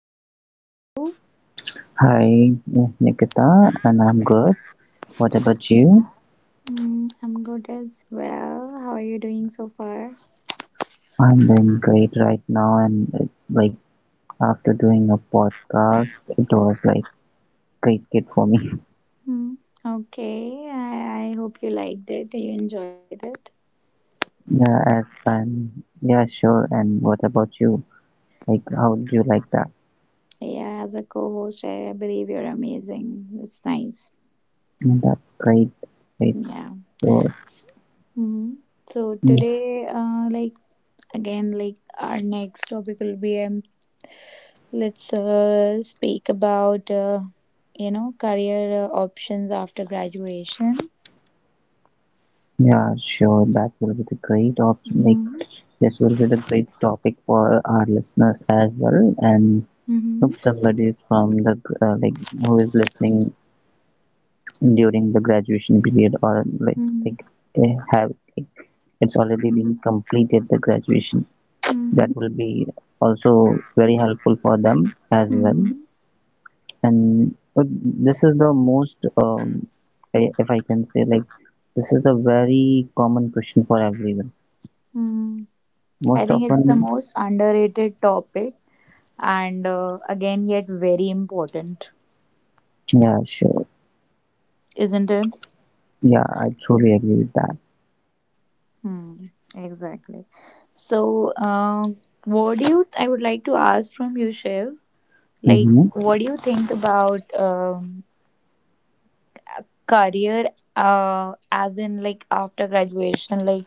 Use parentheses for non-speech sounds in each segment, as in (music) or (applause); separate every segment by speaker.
Speaker 1: evening. How are you?
Speaker 2: Hi, Nikita, and I'm good. What about you?
Speaker 1: Mm, I'm good as well. How are you doing so far?
Speaker 2: I'm doing great right now, and it's like after doing a podcast, it was like great kid for me. (laughs)
Speaker 1: Hmm. Okay, I hope you liked it. You enjoyed it.
Speaker 2: Yeah, sure. And what about you? Like, how do you like that?
Speaker 1: Yeah, as a co host, I believe you're amazing. It's nice.
Speaker 2: Mm, that's great. That's great.
Speaker 1: Yeah.
Speaker 2: So,
Speaker 1: Hmm. So
Speaker 2: mm,
Speaker 1: today, like again, like our next topic will be let's speak about career options after graduation.
Speaker 2: yeah, sure. That will be the great option. Like,
Speaker 1: Mm-hmm.
Speaker 2: this will be the great topic for our listeners as well. And hope
Speaker 1: Mm-hmm.
Speaker 2: somebody is from the like who is listening during the graduation period or like eh, have like, it's already
Speaker 1: Hmm.
Speaker 2: been completed the graduation,
Speaker 1: Hmm.
Speaker 2: that will be also very helpful for them as well. And but this is the most if I can say, like, this is a very common question for everyone
Speaker 1: Hmm. I
Speaker 2: most
Speaker 1: think it's the
Speaker 2: often.
Speaker 1: most underrated topic, and again, yet very important,
Speaker 2: Yeah, sure.
Speaker 1: isn't it?
Speaker 2: Yeah, I truly agree with that.
Speaker 1: Hmm, exactly. So, what do you, I would like to ask from you, Shiv, like,
Speaker 2: Hmm,
Speaker 1: what do you think about career as in like after graduation? Like,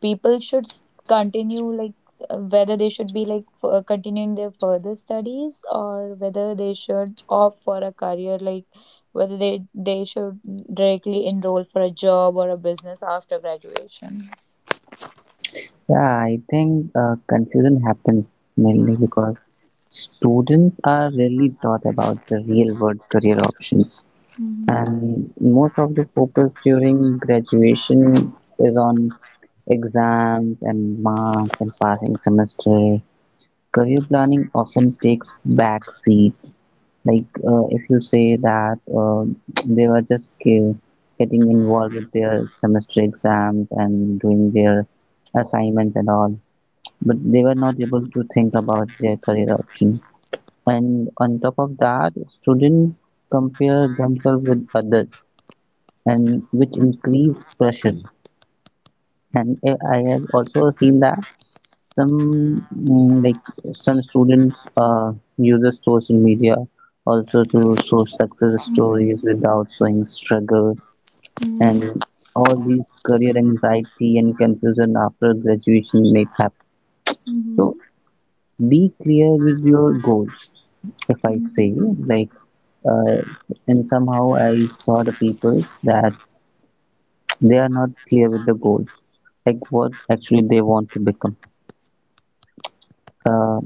Speaker 1: people should s- continue like whether they should be continuing their further studies, or whether they should opt for a career, like whether they should directly enroll for a job or a business after graduation.
Speaker 2: yeah, I think confusion happens mainly because students are rarely taught about the real-world career options,
Speaker 1: Hmm.
Speaker 2: and most of the focus during graduation is on exams and marks and passing semester. Career planning often takes back seat. Like, if you say that they were just getting involved with their semester exams and doing their assignments and all, but they were not able to think about their career option. And on top of that, students compare themselves with others, and which increase pressure. And I have also seen that some like some students use the social media also to show success
Speaker 1: Hmm.
Speaker 2: stories without showing struggle, and
Speaker 1: Hmm.
Speaker 2: all these career anxiety and confusion after graduation makes happen. So be clear with your goals if I say,
Speaker 1: Hmm.
Speaker 2: like, uh, and somehow I saw the peoples that they are not clear with the goals, like what actually they want to become. Uh,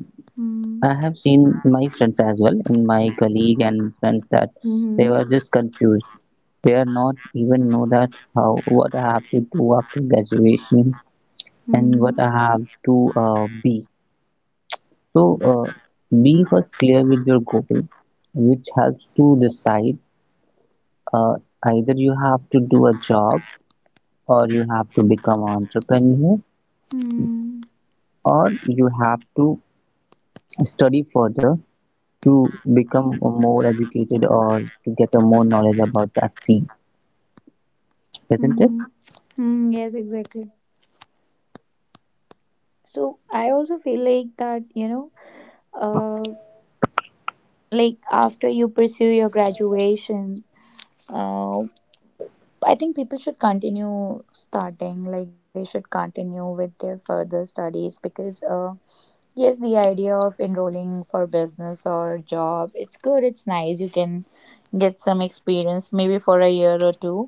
Speaker 2: I
Speaker 1: Mm-hmm.
Speaker 2: have seen my friends as well, and my colleague and friends that they were just confused. They are not even know that how what I have to do after graduation
Speaker 1: Hmm.
Speaker 2: and what
Speaker 1: Hmm.
Speaker 2: I have to be. So, be first clear with your goal, which helps to decide uh, either you have to do a job or you have to become an entrepreneur
Speaker 1: Hmm.
Speaker 2: or you have to study further to become more educated or to get a more knowledge about that thing, isn't it?
Speaker 1: Hmm. Hmm. Yes, exactly. So I also feel like that, you know, like after you pursue your graduation, uh, I think people should continue starting, like they should continue with their further studies, because yes, the idea of enrolling for business or job, it's good, it's nice. You can get some experience maybe for a year or two,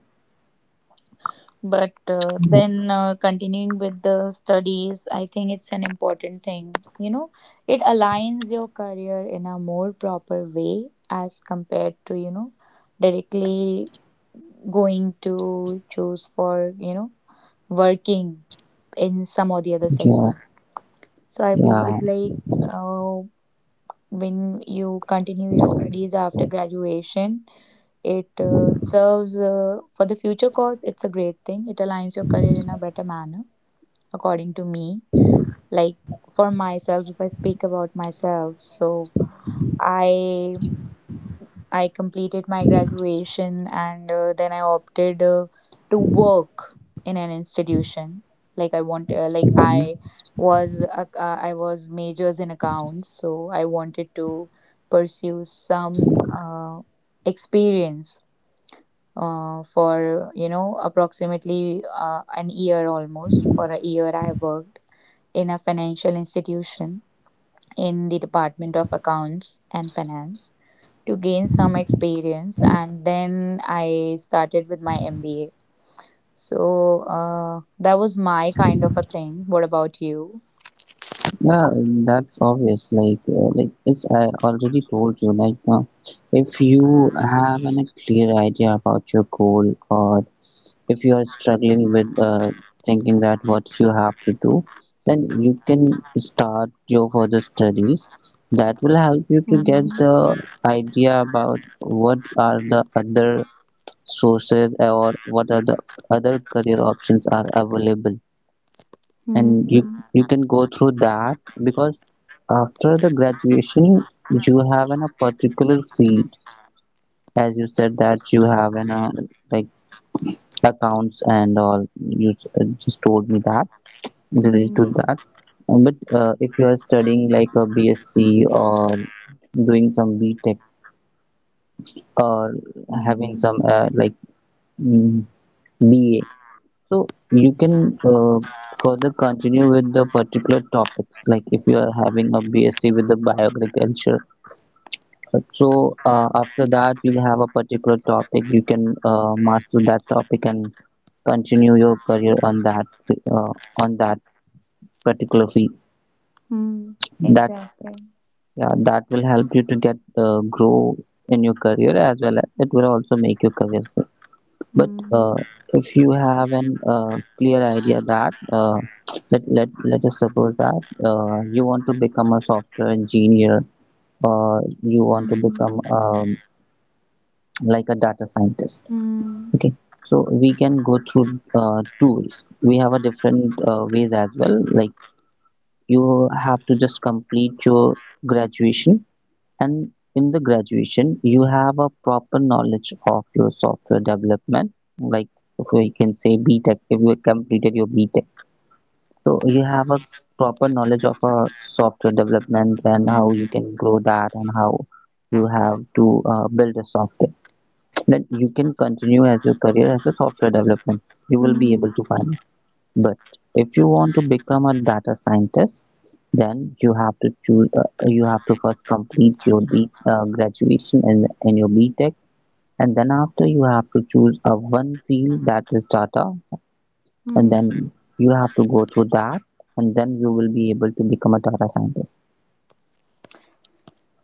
Speaker 1: but
Speaker 2: Yep.
Speaker 1: then continuing with the studies, I think it's an important thing. You know, it aligns your career in a more proper way as compared to, you know, directly going to choose for, you know, working in some or the other
Speaker 2: Yeah,
Speaker 1: sector. So I believe
Speaker 2: yeah.
Speaker 1: like uh, when you continue your studies after graduation, it serves for the future cause, it's a great thing. It aligns your career in a better manner, according to me. Like for myself, if I speak about myself, so I I completed my graduation, and then I opted to work in an institution. Like I want, like
Speaker 2: Mhm.
Speaker 1: I was majors in accounts, so I wanted to pursue some experience for, you know, approximately an year, almost for a year I worked in a financial institution, in the Department of Accounts and Finance, to gain some experience, and then I started with my MBA. So that was my kind of a thing. What about you?
Speaker 2: Yeah, that's obvious, like, like, it's I already told you, like, if you have an, a clear idea about your goal, or if you are struggling with thinking that what you have to do, then you can start your further studies. That will help you to get
Speaker 1: Mm-hmm.
Speaker 2: the idea about what are the other sources or what are the other career options are available, and
Speaker 1: Hmm.
Speaker 2: you can go through that, because after the graduation you have in a particular field, as you said that you have in a like accounts and all. You just told me that related
Speaker 1: Hmm.
Speaker 2: to that. But if you are studying like a bsc or doing some btech or
Speaker 1: Hmm.
Speaker 2: having some like mm, ba, so you can, uh, further continue with the particular topics, like if you are having a bsc with the bioagriculture, so after that you have a particular topic, you can master that topic and continue your career on that, uh, on that particular field.
Speaker 1: Hmm.
Speaker 2: That,
Speaker 1: Exactly.
Speaker 2: yeah, that will help you to get grow in your career, as well as it will also make your career safe. But
Speaker 1: Hmm.
Speaker 2: uh, if you have an clear idea that uh, let us suppose that you want to become a software engineer, or you want to
Speaker 1: Hmm.
Speaker 2: become like a data scientist,
Speaker 1: Hmm.
Speaker 2: okay, so we can go through two ways. We have a different ways as well, like, you have to just complete your graduation. And in the graduation, you have a proper knowledge of your software development. Like if we can say B tech, if you completed your B tech, so you have a proper knowledge of a software development and how you
Speaker 1: Hmm.
Speaker 2: can grow that and how you have to build a software. Then you can continue as your career as a software development. You will be
Speaker 1: Hmm.
Speaker 2: able to find. But if you want to become a data scientist, then you have to choose. You have to first complete your B, graduation in your B Tech, and then after you have to choose a one field that is data, and
Speaker 1: Hmm.
Speaker 2: then you have to go through that, and then you will be able to become a data scientist.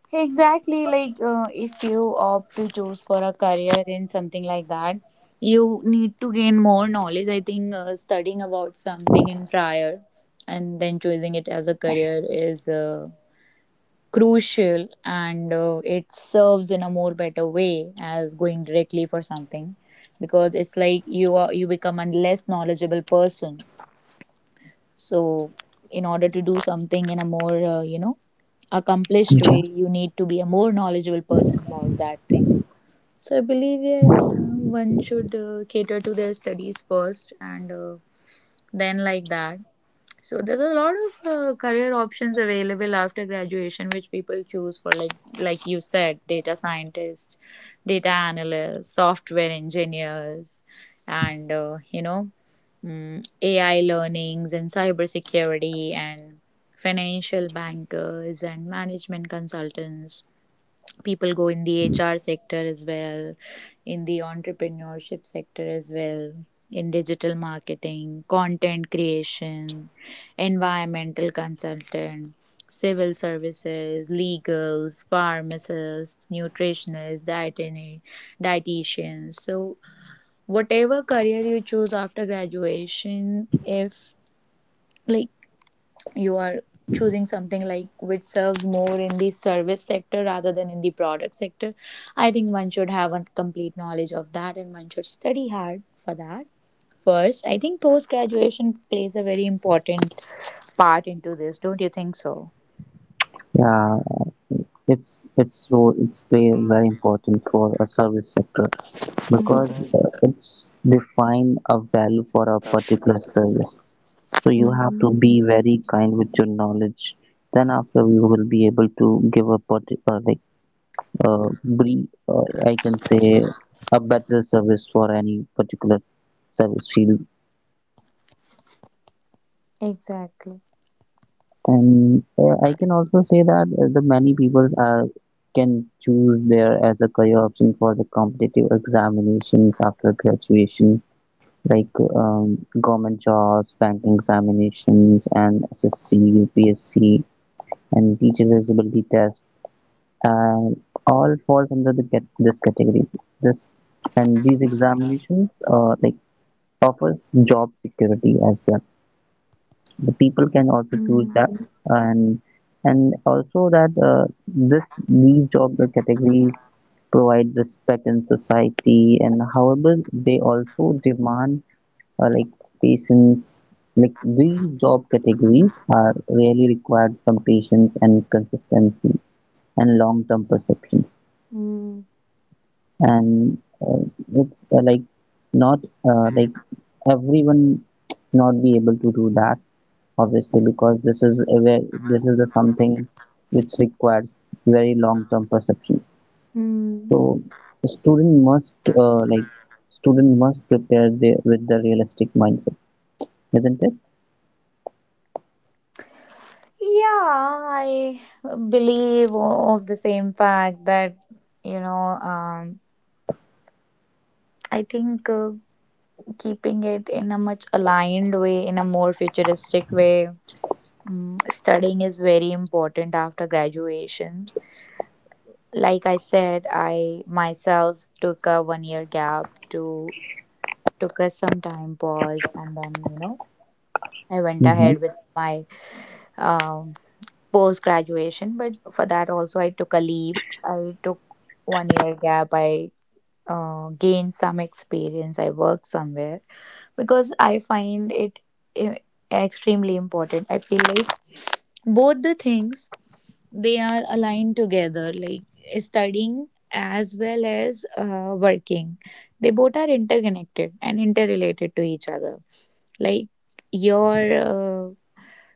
Speaker 1: Exactly, like if you opt to choose for a career in something like that, you need to gain more knowledge. I think studying about something in prior and then choosing it as a career is crucial, and it serves in a more better way as going directly for something, because it's like you become a less knowledgeable person. So, in order to do something in a more, you know, accomplished
Speaker 2: Yeah.
Speaker 1: way, you need to be a more knowledgeable person about that thing. So I believe, yes, one should cater to their studies first, and then like that. So there's a lot of career options available after graduation, which people choose for, like you said, data scientist, data analyst, software engineers, and you know, AI learnings and cybersecurity and financial bankers and management consultants. People go in the hr sector as well, in the entrepreneurship sector as well, in digital marketing, content creation, environmental consultant, civil services, legals, pharmacists, nutritionists, dietitians. So whatever career you choose after graduation, if like you are choosing something like which serves more in the service sector rather than in the product sector, I think one should have a complete knowledge of that, and one should study hard for that first. I think post graduation plays a very important part into this, don't you think so?
Speaker 2: Yeah, it's its role, it's very very important for a service sector,
Speaker 1: Mm.
Speaker 2: because it's define a value for a particular service. So you have to
Speaker 1: Mm,
Speaker 2: be very kind with your knowledge. Then after you will be able to give a like brief, I can say a better service for any particular service field.
Speaker 1: exactly.
Speaker 2: And I can also say that the many people are can choose there as a career option for the competitive examinations after graduation, like government jobs, banking examinations, and SSC, UPSC, and teacher visibility test, and all falls under the this category, this, and these examinations, like, offers job security as well. The people can also choose
Speaker 1: Mm.
Speaker 2: that. and and also that this these job categories provide respect in society, and however they also demand like patience. Like, these job categories are really required some patience and consistency and long-term perception.
Speaker 1: Mm.
Speaker 2: And it's, like, not like everyone not be able to do that, obviously, because this is a very, this is the something which requires very long term perceptions.
Speaker 1: Mm.
Speaker 2: So student must, like, student must prepare the, with the realistic mindset, isn't it?
Speaker 1: Yeah, I believe of the same fact that, you know, um I think, keeping it in a much aligned way, in a more futuristic way. Mm, studying is very important after graduation. Like I said, I myself took a 1 year gap to took us some time pause, and then, you know, I went ahead
Speaker 2: Hmm,
Speaker 1: with my um, post graduation. But for that also I took a leap. I took 1 year gap. I gain some experience, I work somewhere, because I find it i- extremely important. I feel like both the things, they are aligned together, like studying as well as working, they both are interconnected and interrelated to each other. Like your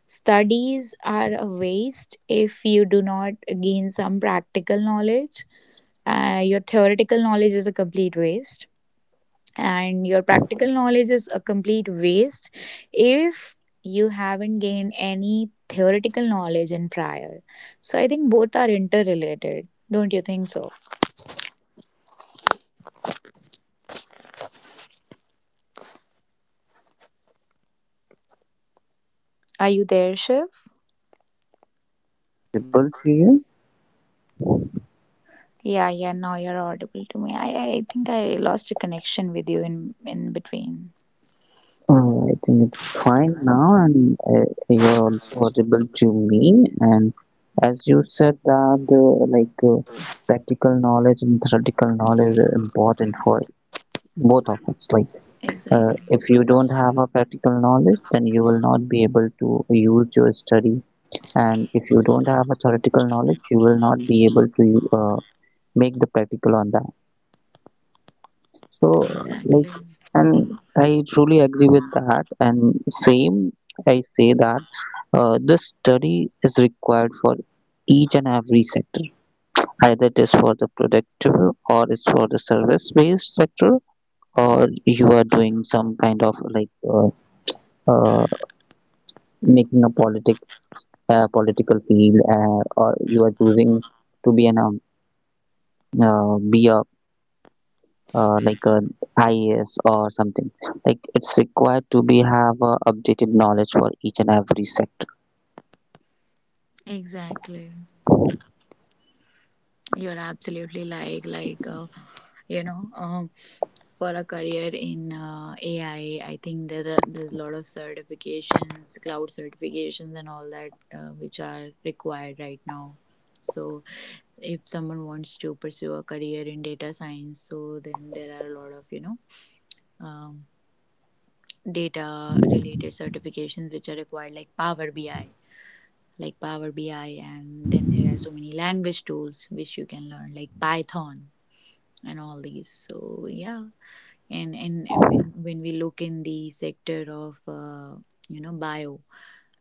Speaker 1: studies are a waste if you do not gain some practical knowledge. Your theoretical knowledge is a complete waste, and your practical knowledge is a complete waste if you haven't gained any theoretical knowledge in prior. So I think both are interrelated. Don't you think so? Are you there, Shiv?
Speaker 2: able to you?
Speaker 1: Yeah, yeah, now you're audible to me. I think I lost a connection with you in between.
Speaker 2: I think it's fine now, and you're also audible to me. And as you said that the like practical knowledge and theoretical knowledge are important for both of us. Like,
Speaker 1: Exactly,
Speaker 2: if you don't have a practical knowledge, then you will not be able to use your study, and if you don't have a theoretical knowledge, you will not be able to make the practical on that. So,
Speaker 1: exactly,
Speaker 2: like, and I truly agree with that. And same, I say that this study is required for each and every sector. Either it is for the productive or it's for the service-based sector, or you are doing some kind of like uh, making a political field, or you are choosing to be an be a like a IAS or something. Like, it's required to be have updated knowledge for each and every sector.
Speaker 1: exactly. You're absolutely like, you know, for a career in AI, I think there's a lot of certifications, cloud certifications, and all that, which are required right now. So if someone wants to pursue a career in data science, so then there are a lot of, you know, um, data related certifications which are required, like Power BI, and then there are so many language tools which you can learn, like Python and all these. So yeah, and when we look in the sector of you know, bio,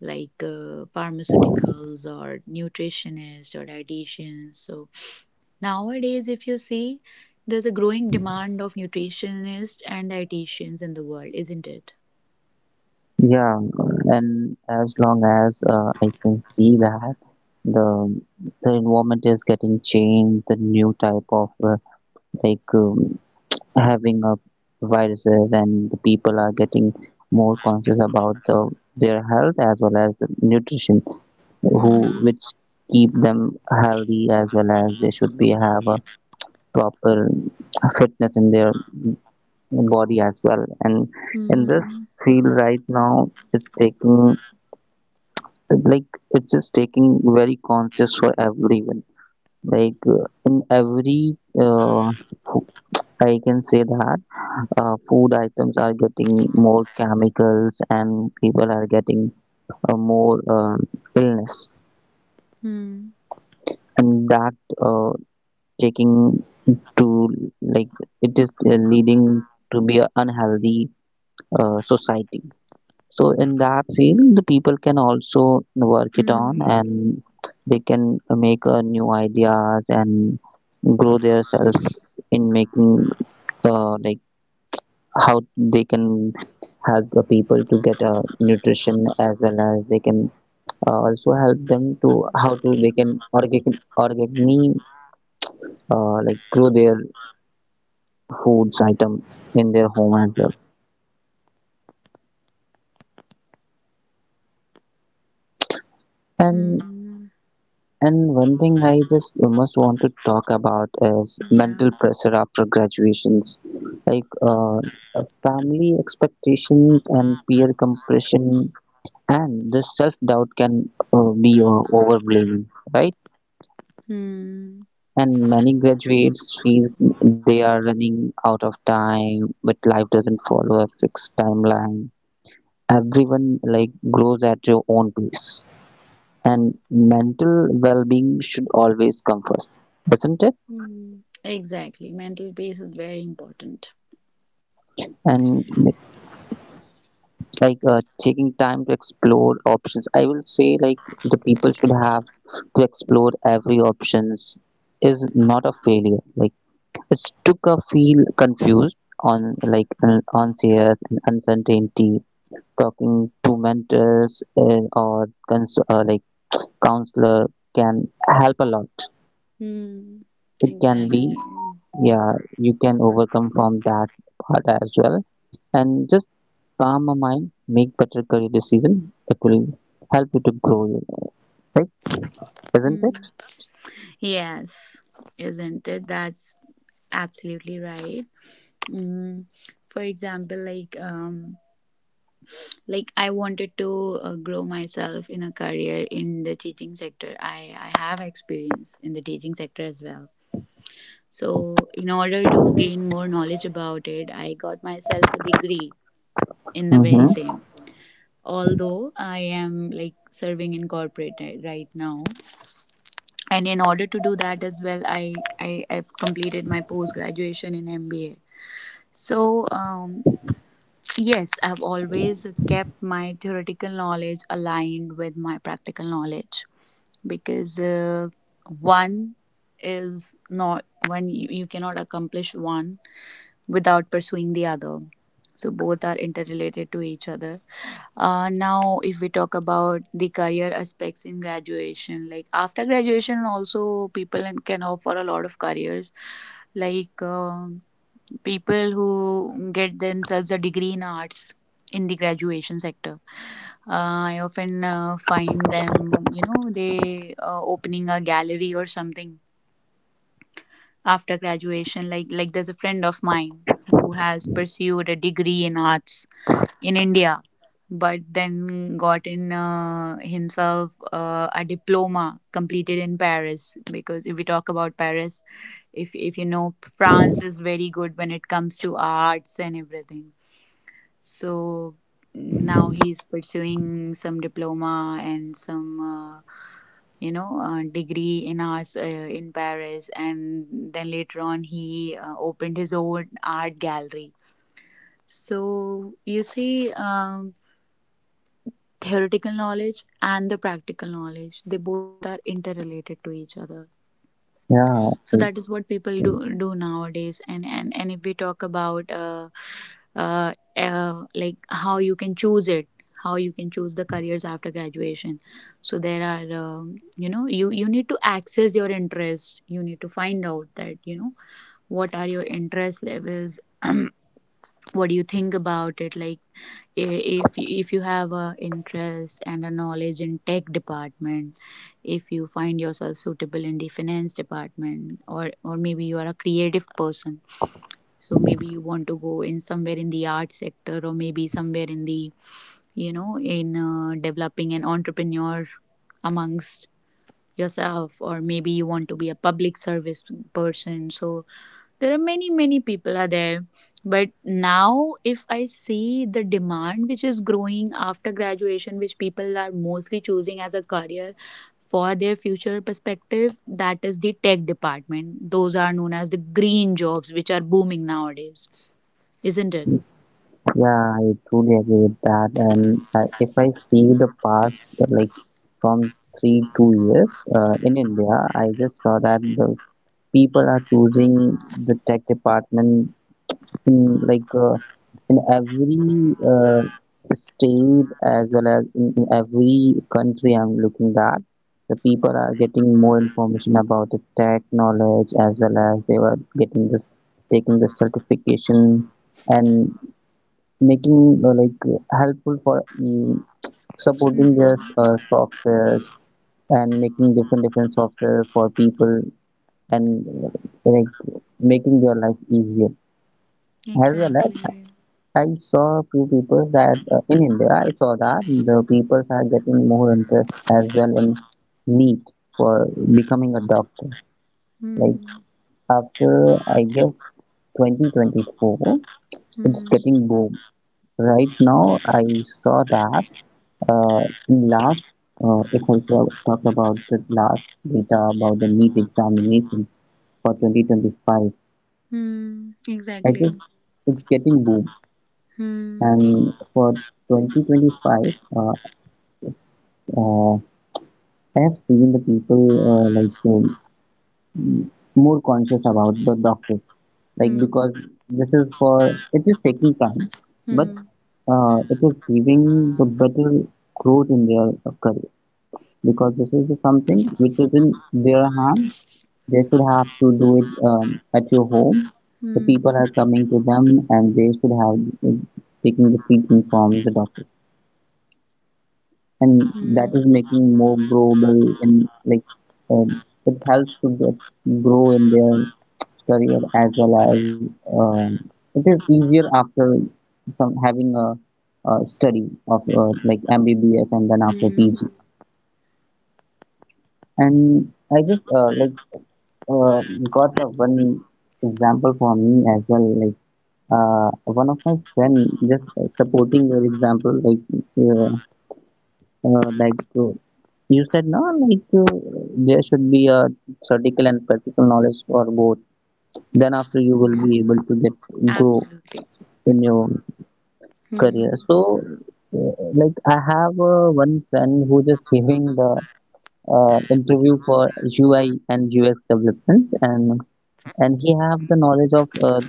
Speaker 1: like pharmaceuticals or nutritionists or dietitians, so nowadays if you see, there's a growing demand of nutritionists and dietitians in the world, isn't it?
Speaker 2: Yeah, and as long as I can see that the the environment is getting changed, the new type of, like um, having a viruses, and the people are getting more conscious about the, their health as well as the nutrition, who
Speaker 1: Mm-hmm.
Speaker 2: which keep them healthy as well as they should be have proper fitness in their body as well. And in this
Speaker 1: Mm-hmm.
Speaker 2: field right now, it's taking like it's just taking very conscious for everyone. Like, in every, uh, I can say that food items are getting more chemicals and people are getting more illness,
Speaker 1: Mm-hmm.
Speaker 2: and that uh, taking to like it is leading to be a unhealthy society. So in that field, the people can also work it on, and they can make new ideas and grow themselves in making like how they can help the people to get a nutrition, as well as they can also help them to how to they can organic like grow their foods item in their home as well.
Speaker 1: Mm-hmm.
Speaker 2: and
Speaker 1: Mm-hmm.
Speaker 2: And one thing I just must want to talk about is
Speaker 1: Yeah.
Speaker 2: mental pressure after graduations, like family expectations and peer compression, and the self doubt can be overblaming, right?
Speaker 1: Hmm.
Speaker 2: And many graduates feel they are running out of time, but life doesn't follow a fixed timeline. Everyone like grows at your own pace, and mental well-being should always come first, doesn't it?
Speaker 1: Hmm. Exactly. Mental peace is very important.
Speaker 2: And like, taking time to explore options, I will say, like, the people should have to explore every options is not a failure, like, it's took a feel confused on like anxious and uncertainty. Talking to mentors or like counselor can help a lot.
Speaker 1: Hmm.
Speaker 2: It can be,
Speaker 1: Exactly.
Speaker 2: yeah, you can overcome from that part as well, and just calm a mind, make better career decision that will help you to grow your right, isn't
Speaker 1: Hmm.
Speaker 2: it?
Speaker 1: Yes, isn't it? That's absolutely right. Mm, for example, like I wanted to grow myself in a career in the teaching sector. I have experience in the teaching sector as well. So in order to gain more knowledge about it, I got myself a degree in the very
Speaker 2: Mm-hmm.
Speaker 1: same. Although I am like serving in corporate right now, and in order to do that as well, I have completed my post graduation in mba. So yes, I've always kept my theoretical knowledge aligned with my practical knowledge, because one is not one you, you cannot accomplish one without pursuing the other. So both are interrelated to each other. Now, if we talk about the career aspects in graduation, like after graduation, also can opt for a lot of careers. Like people who get themselves a degree in arts in the graduation sector, I often find them, you know, they opening a gallery or something after graduation. Like there's a friend of mine who has pursued a degree in arts in India, but then got in himself a diploma completed in Paris. Because if we talk about Paris, if you know, France is very good when it comes to arts and everything. So now he's pursuing some diploma and some. You know, degree in arts in Paris, and then later on he opened his own art gallery. So you see, theoretical knowledge and the practical knowledge, they both are interrelated to each other.
Speaker 2: Yeah,
Speaker 1: So
Speaker 2: I-
Speaker 1: that is what people do nowadays. And if we talk about like how you can choose it, how you can choose the careers after graduation, so there are, you know, you need to access your interest. You need to find out that, you know, what are your interest levels (clears throat) what do you think about it. Like if you have a interest and a knowledge in tech department, if you find yourself suitable in the finance department, or maybe you are a creative person. So maybe you want to go in somewhere in the art sector, or maybe somewhere in the, you know, in developing an entrepreneur amongst yourself, or maybe you want to be a public service person. So there are many people are there. But now if I see the demand which is growing after graduation, which people are mostly choosing as a career for their future perspective, that is the tech department. Those are known as the green jobs which are booming nowadays, isn't it?
Speaker 2: yeah, I truly agree with that. And if I see the past, uh, like from three, 2 years in India, I just saw that the people are choosing the tech department in in every state as well as in every country I'm looking at. The people are getting more information about the tech knowledge as well as they were getting this taking the certification and making like helpful for supporting their
Speaker 1: Hmm.
Speaker 2: softwares and making different different software for people and making their life easier, as well as
Speaker 1: Exactly.
Speaker 2: I saw few people that in India, I saw that the people are getting more interest as well in NEET for becoming a doctor. Like,
Speaker 1: Hmm.
Speaker 2: after I guess 2024, it's
Speaker 1: Hmm.
Speaker 2: getting boom. Right now, I saw that uh, in last, if I talk about the last data about the NEET examination for 2025,
Speaker 1: Hmm.
Speaker 2: I
Speaker 1: Exactly.
Speaker 2: just it's getting boom.
Speaker 1: Hmm.
Speaker 2: And for 2025, uh, I have seen the people more conscious about the doctors, like
Speaker 1: Hmm.
Speaker 2: because this is for it is taking time, but
Speaker 1: Hmm.
Speaker 2: it is giving the better growth in their career, because this is something which is in their hand. They should have to do it at your home. The
Speaker 1: Hmm.
Speaker 2: people are coming to them, and they should have uh, taking the treatment from the doctor, and that
Speaker 1: Hmm.
Speaker 2: is making more growable in like it helps to get grow in their career as well as, um, it is easier after some having a study of MBBS and then after
Speaker 1: Hmm.
Speaker 2: PG. And I just uh, got a one example for me as well. Like, one of my friend just supporting your example, like uh, uh, like uh, you said no, like there should be a theoretical and practical knowledge for both. Then after you will
Speaker 1: Yeah.
Speaker 2: be able to get grow
Speaker 1: Absolutely.
Speaker 2: in your career.
Speaker 1: Mm-hmm.
Speaker 2: So, I have one friend who just giving the interview for UI and UX development, and he have the knowledge of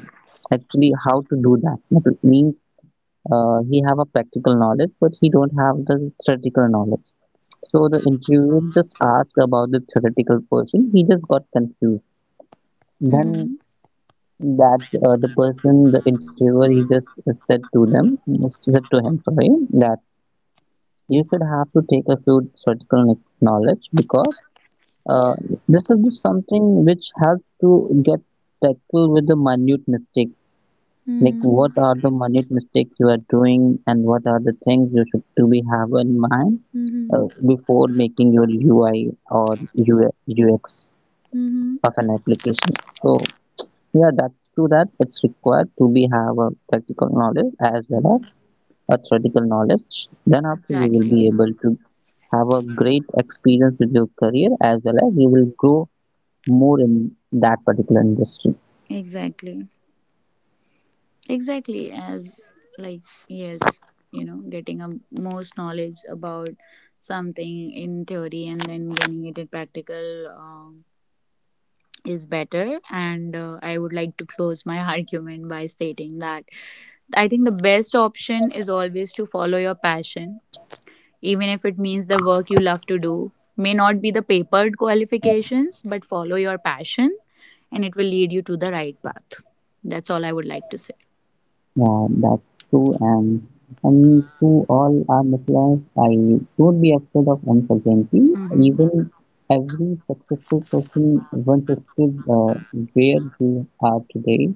Speaker 2: actually how to do that. That means he have a practical knowledge, but he don't have the theoretical knowledge. So the interviewer just asked about the theoretical portion. He just got confused.
Speaker 1: Mm-hmm.
Speaker 2: Then that the person, the interviewer, he just said to them, said to him, sorry, that you should have to take a few theoretical knowledge, because uh, this is something which helps to get tackle with the minute mistakes. Like what
Speaker 1: Mm-hmm.
Speaker 2: are the minute mistakes you are doing, and what are the things you should to be have in mind
Speaker 1: Mm-hmm.
Speaker 2: before making your UI or UX
Speaker 1: Mm-hmm.
Speaker 2: of an application. So yeah, that's true that it's required to be have a practical knowledge as well
Speaker 1: Mm,
Speaker 2: as a theoretical knowledge. Then after you will
Speaker 1: exactly.
Speaker 2: be able to have a great experience with your career as well as you will grow more in that particular industry.
Speaker 1: Exactly. Exactly. As like, yes, you know, getting a most knowledge about something in theory and then getting it in practical, is better. And I would like to close my (laughs) argument by stating that I think the best option is always to follow your passion, even if it means the work you love to do may not be the papered qualifications, but follow your passion and it will lead you to the right path. That's all I would like to say.
Speaker 2: Yeah, that's true, and to all our listeners, I don't be afraid of uncertainty.
Speaker 1: Hmm.
Speaker 2: Even every successful person once stood where they are today,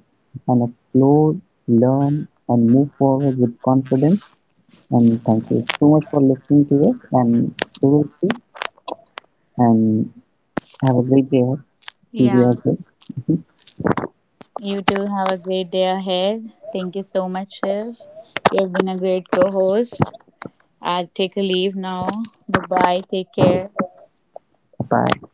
Speaker 2: and explore, learn, and move forward with confidence. And thank you so much for listening to us, and we will see, and have a great day. See
Speaker 1: Yeah.
Speaker 2: you as well.
Speaker 1: You too have a great day ahead. Thank you so much, Shiv. You have been a great co host. I'll take a leave now. Bye bye. Take care.
Speaker 2: Bye.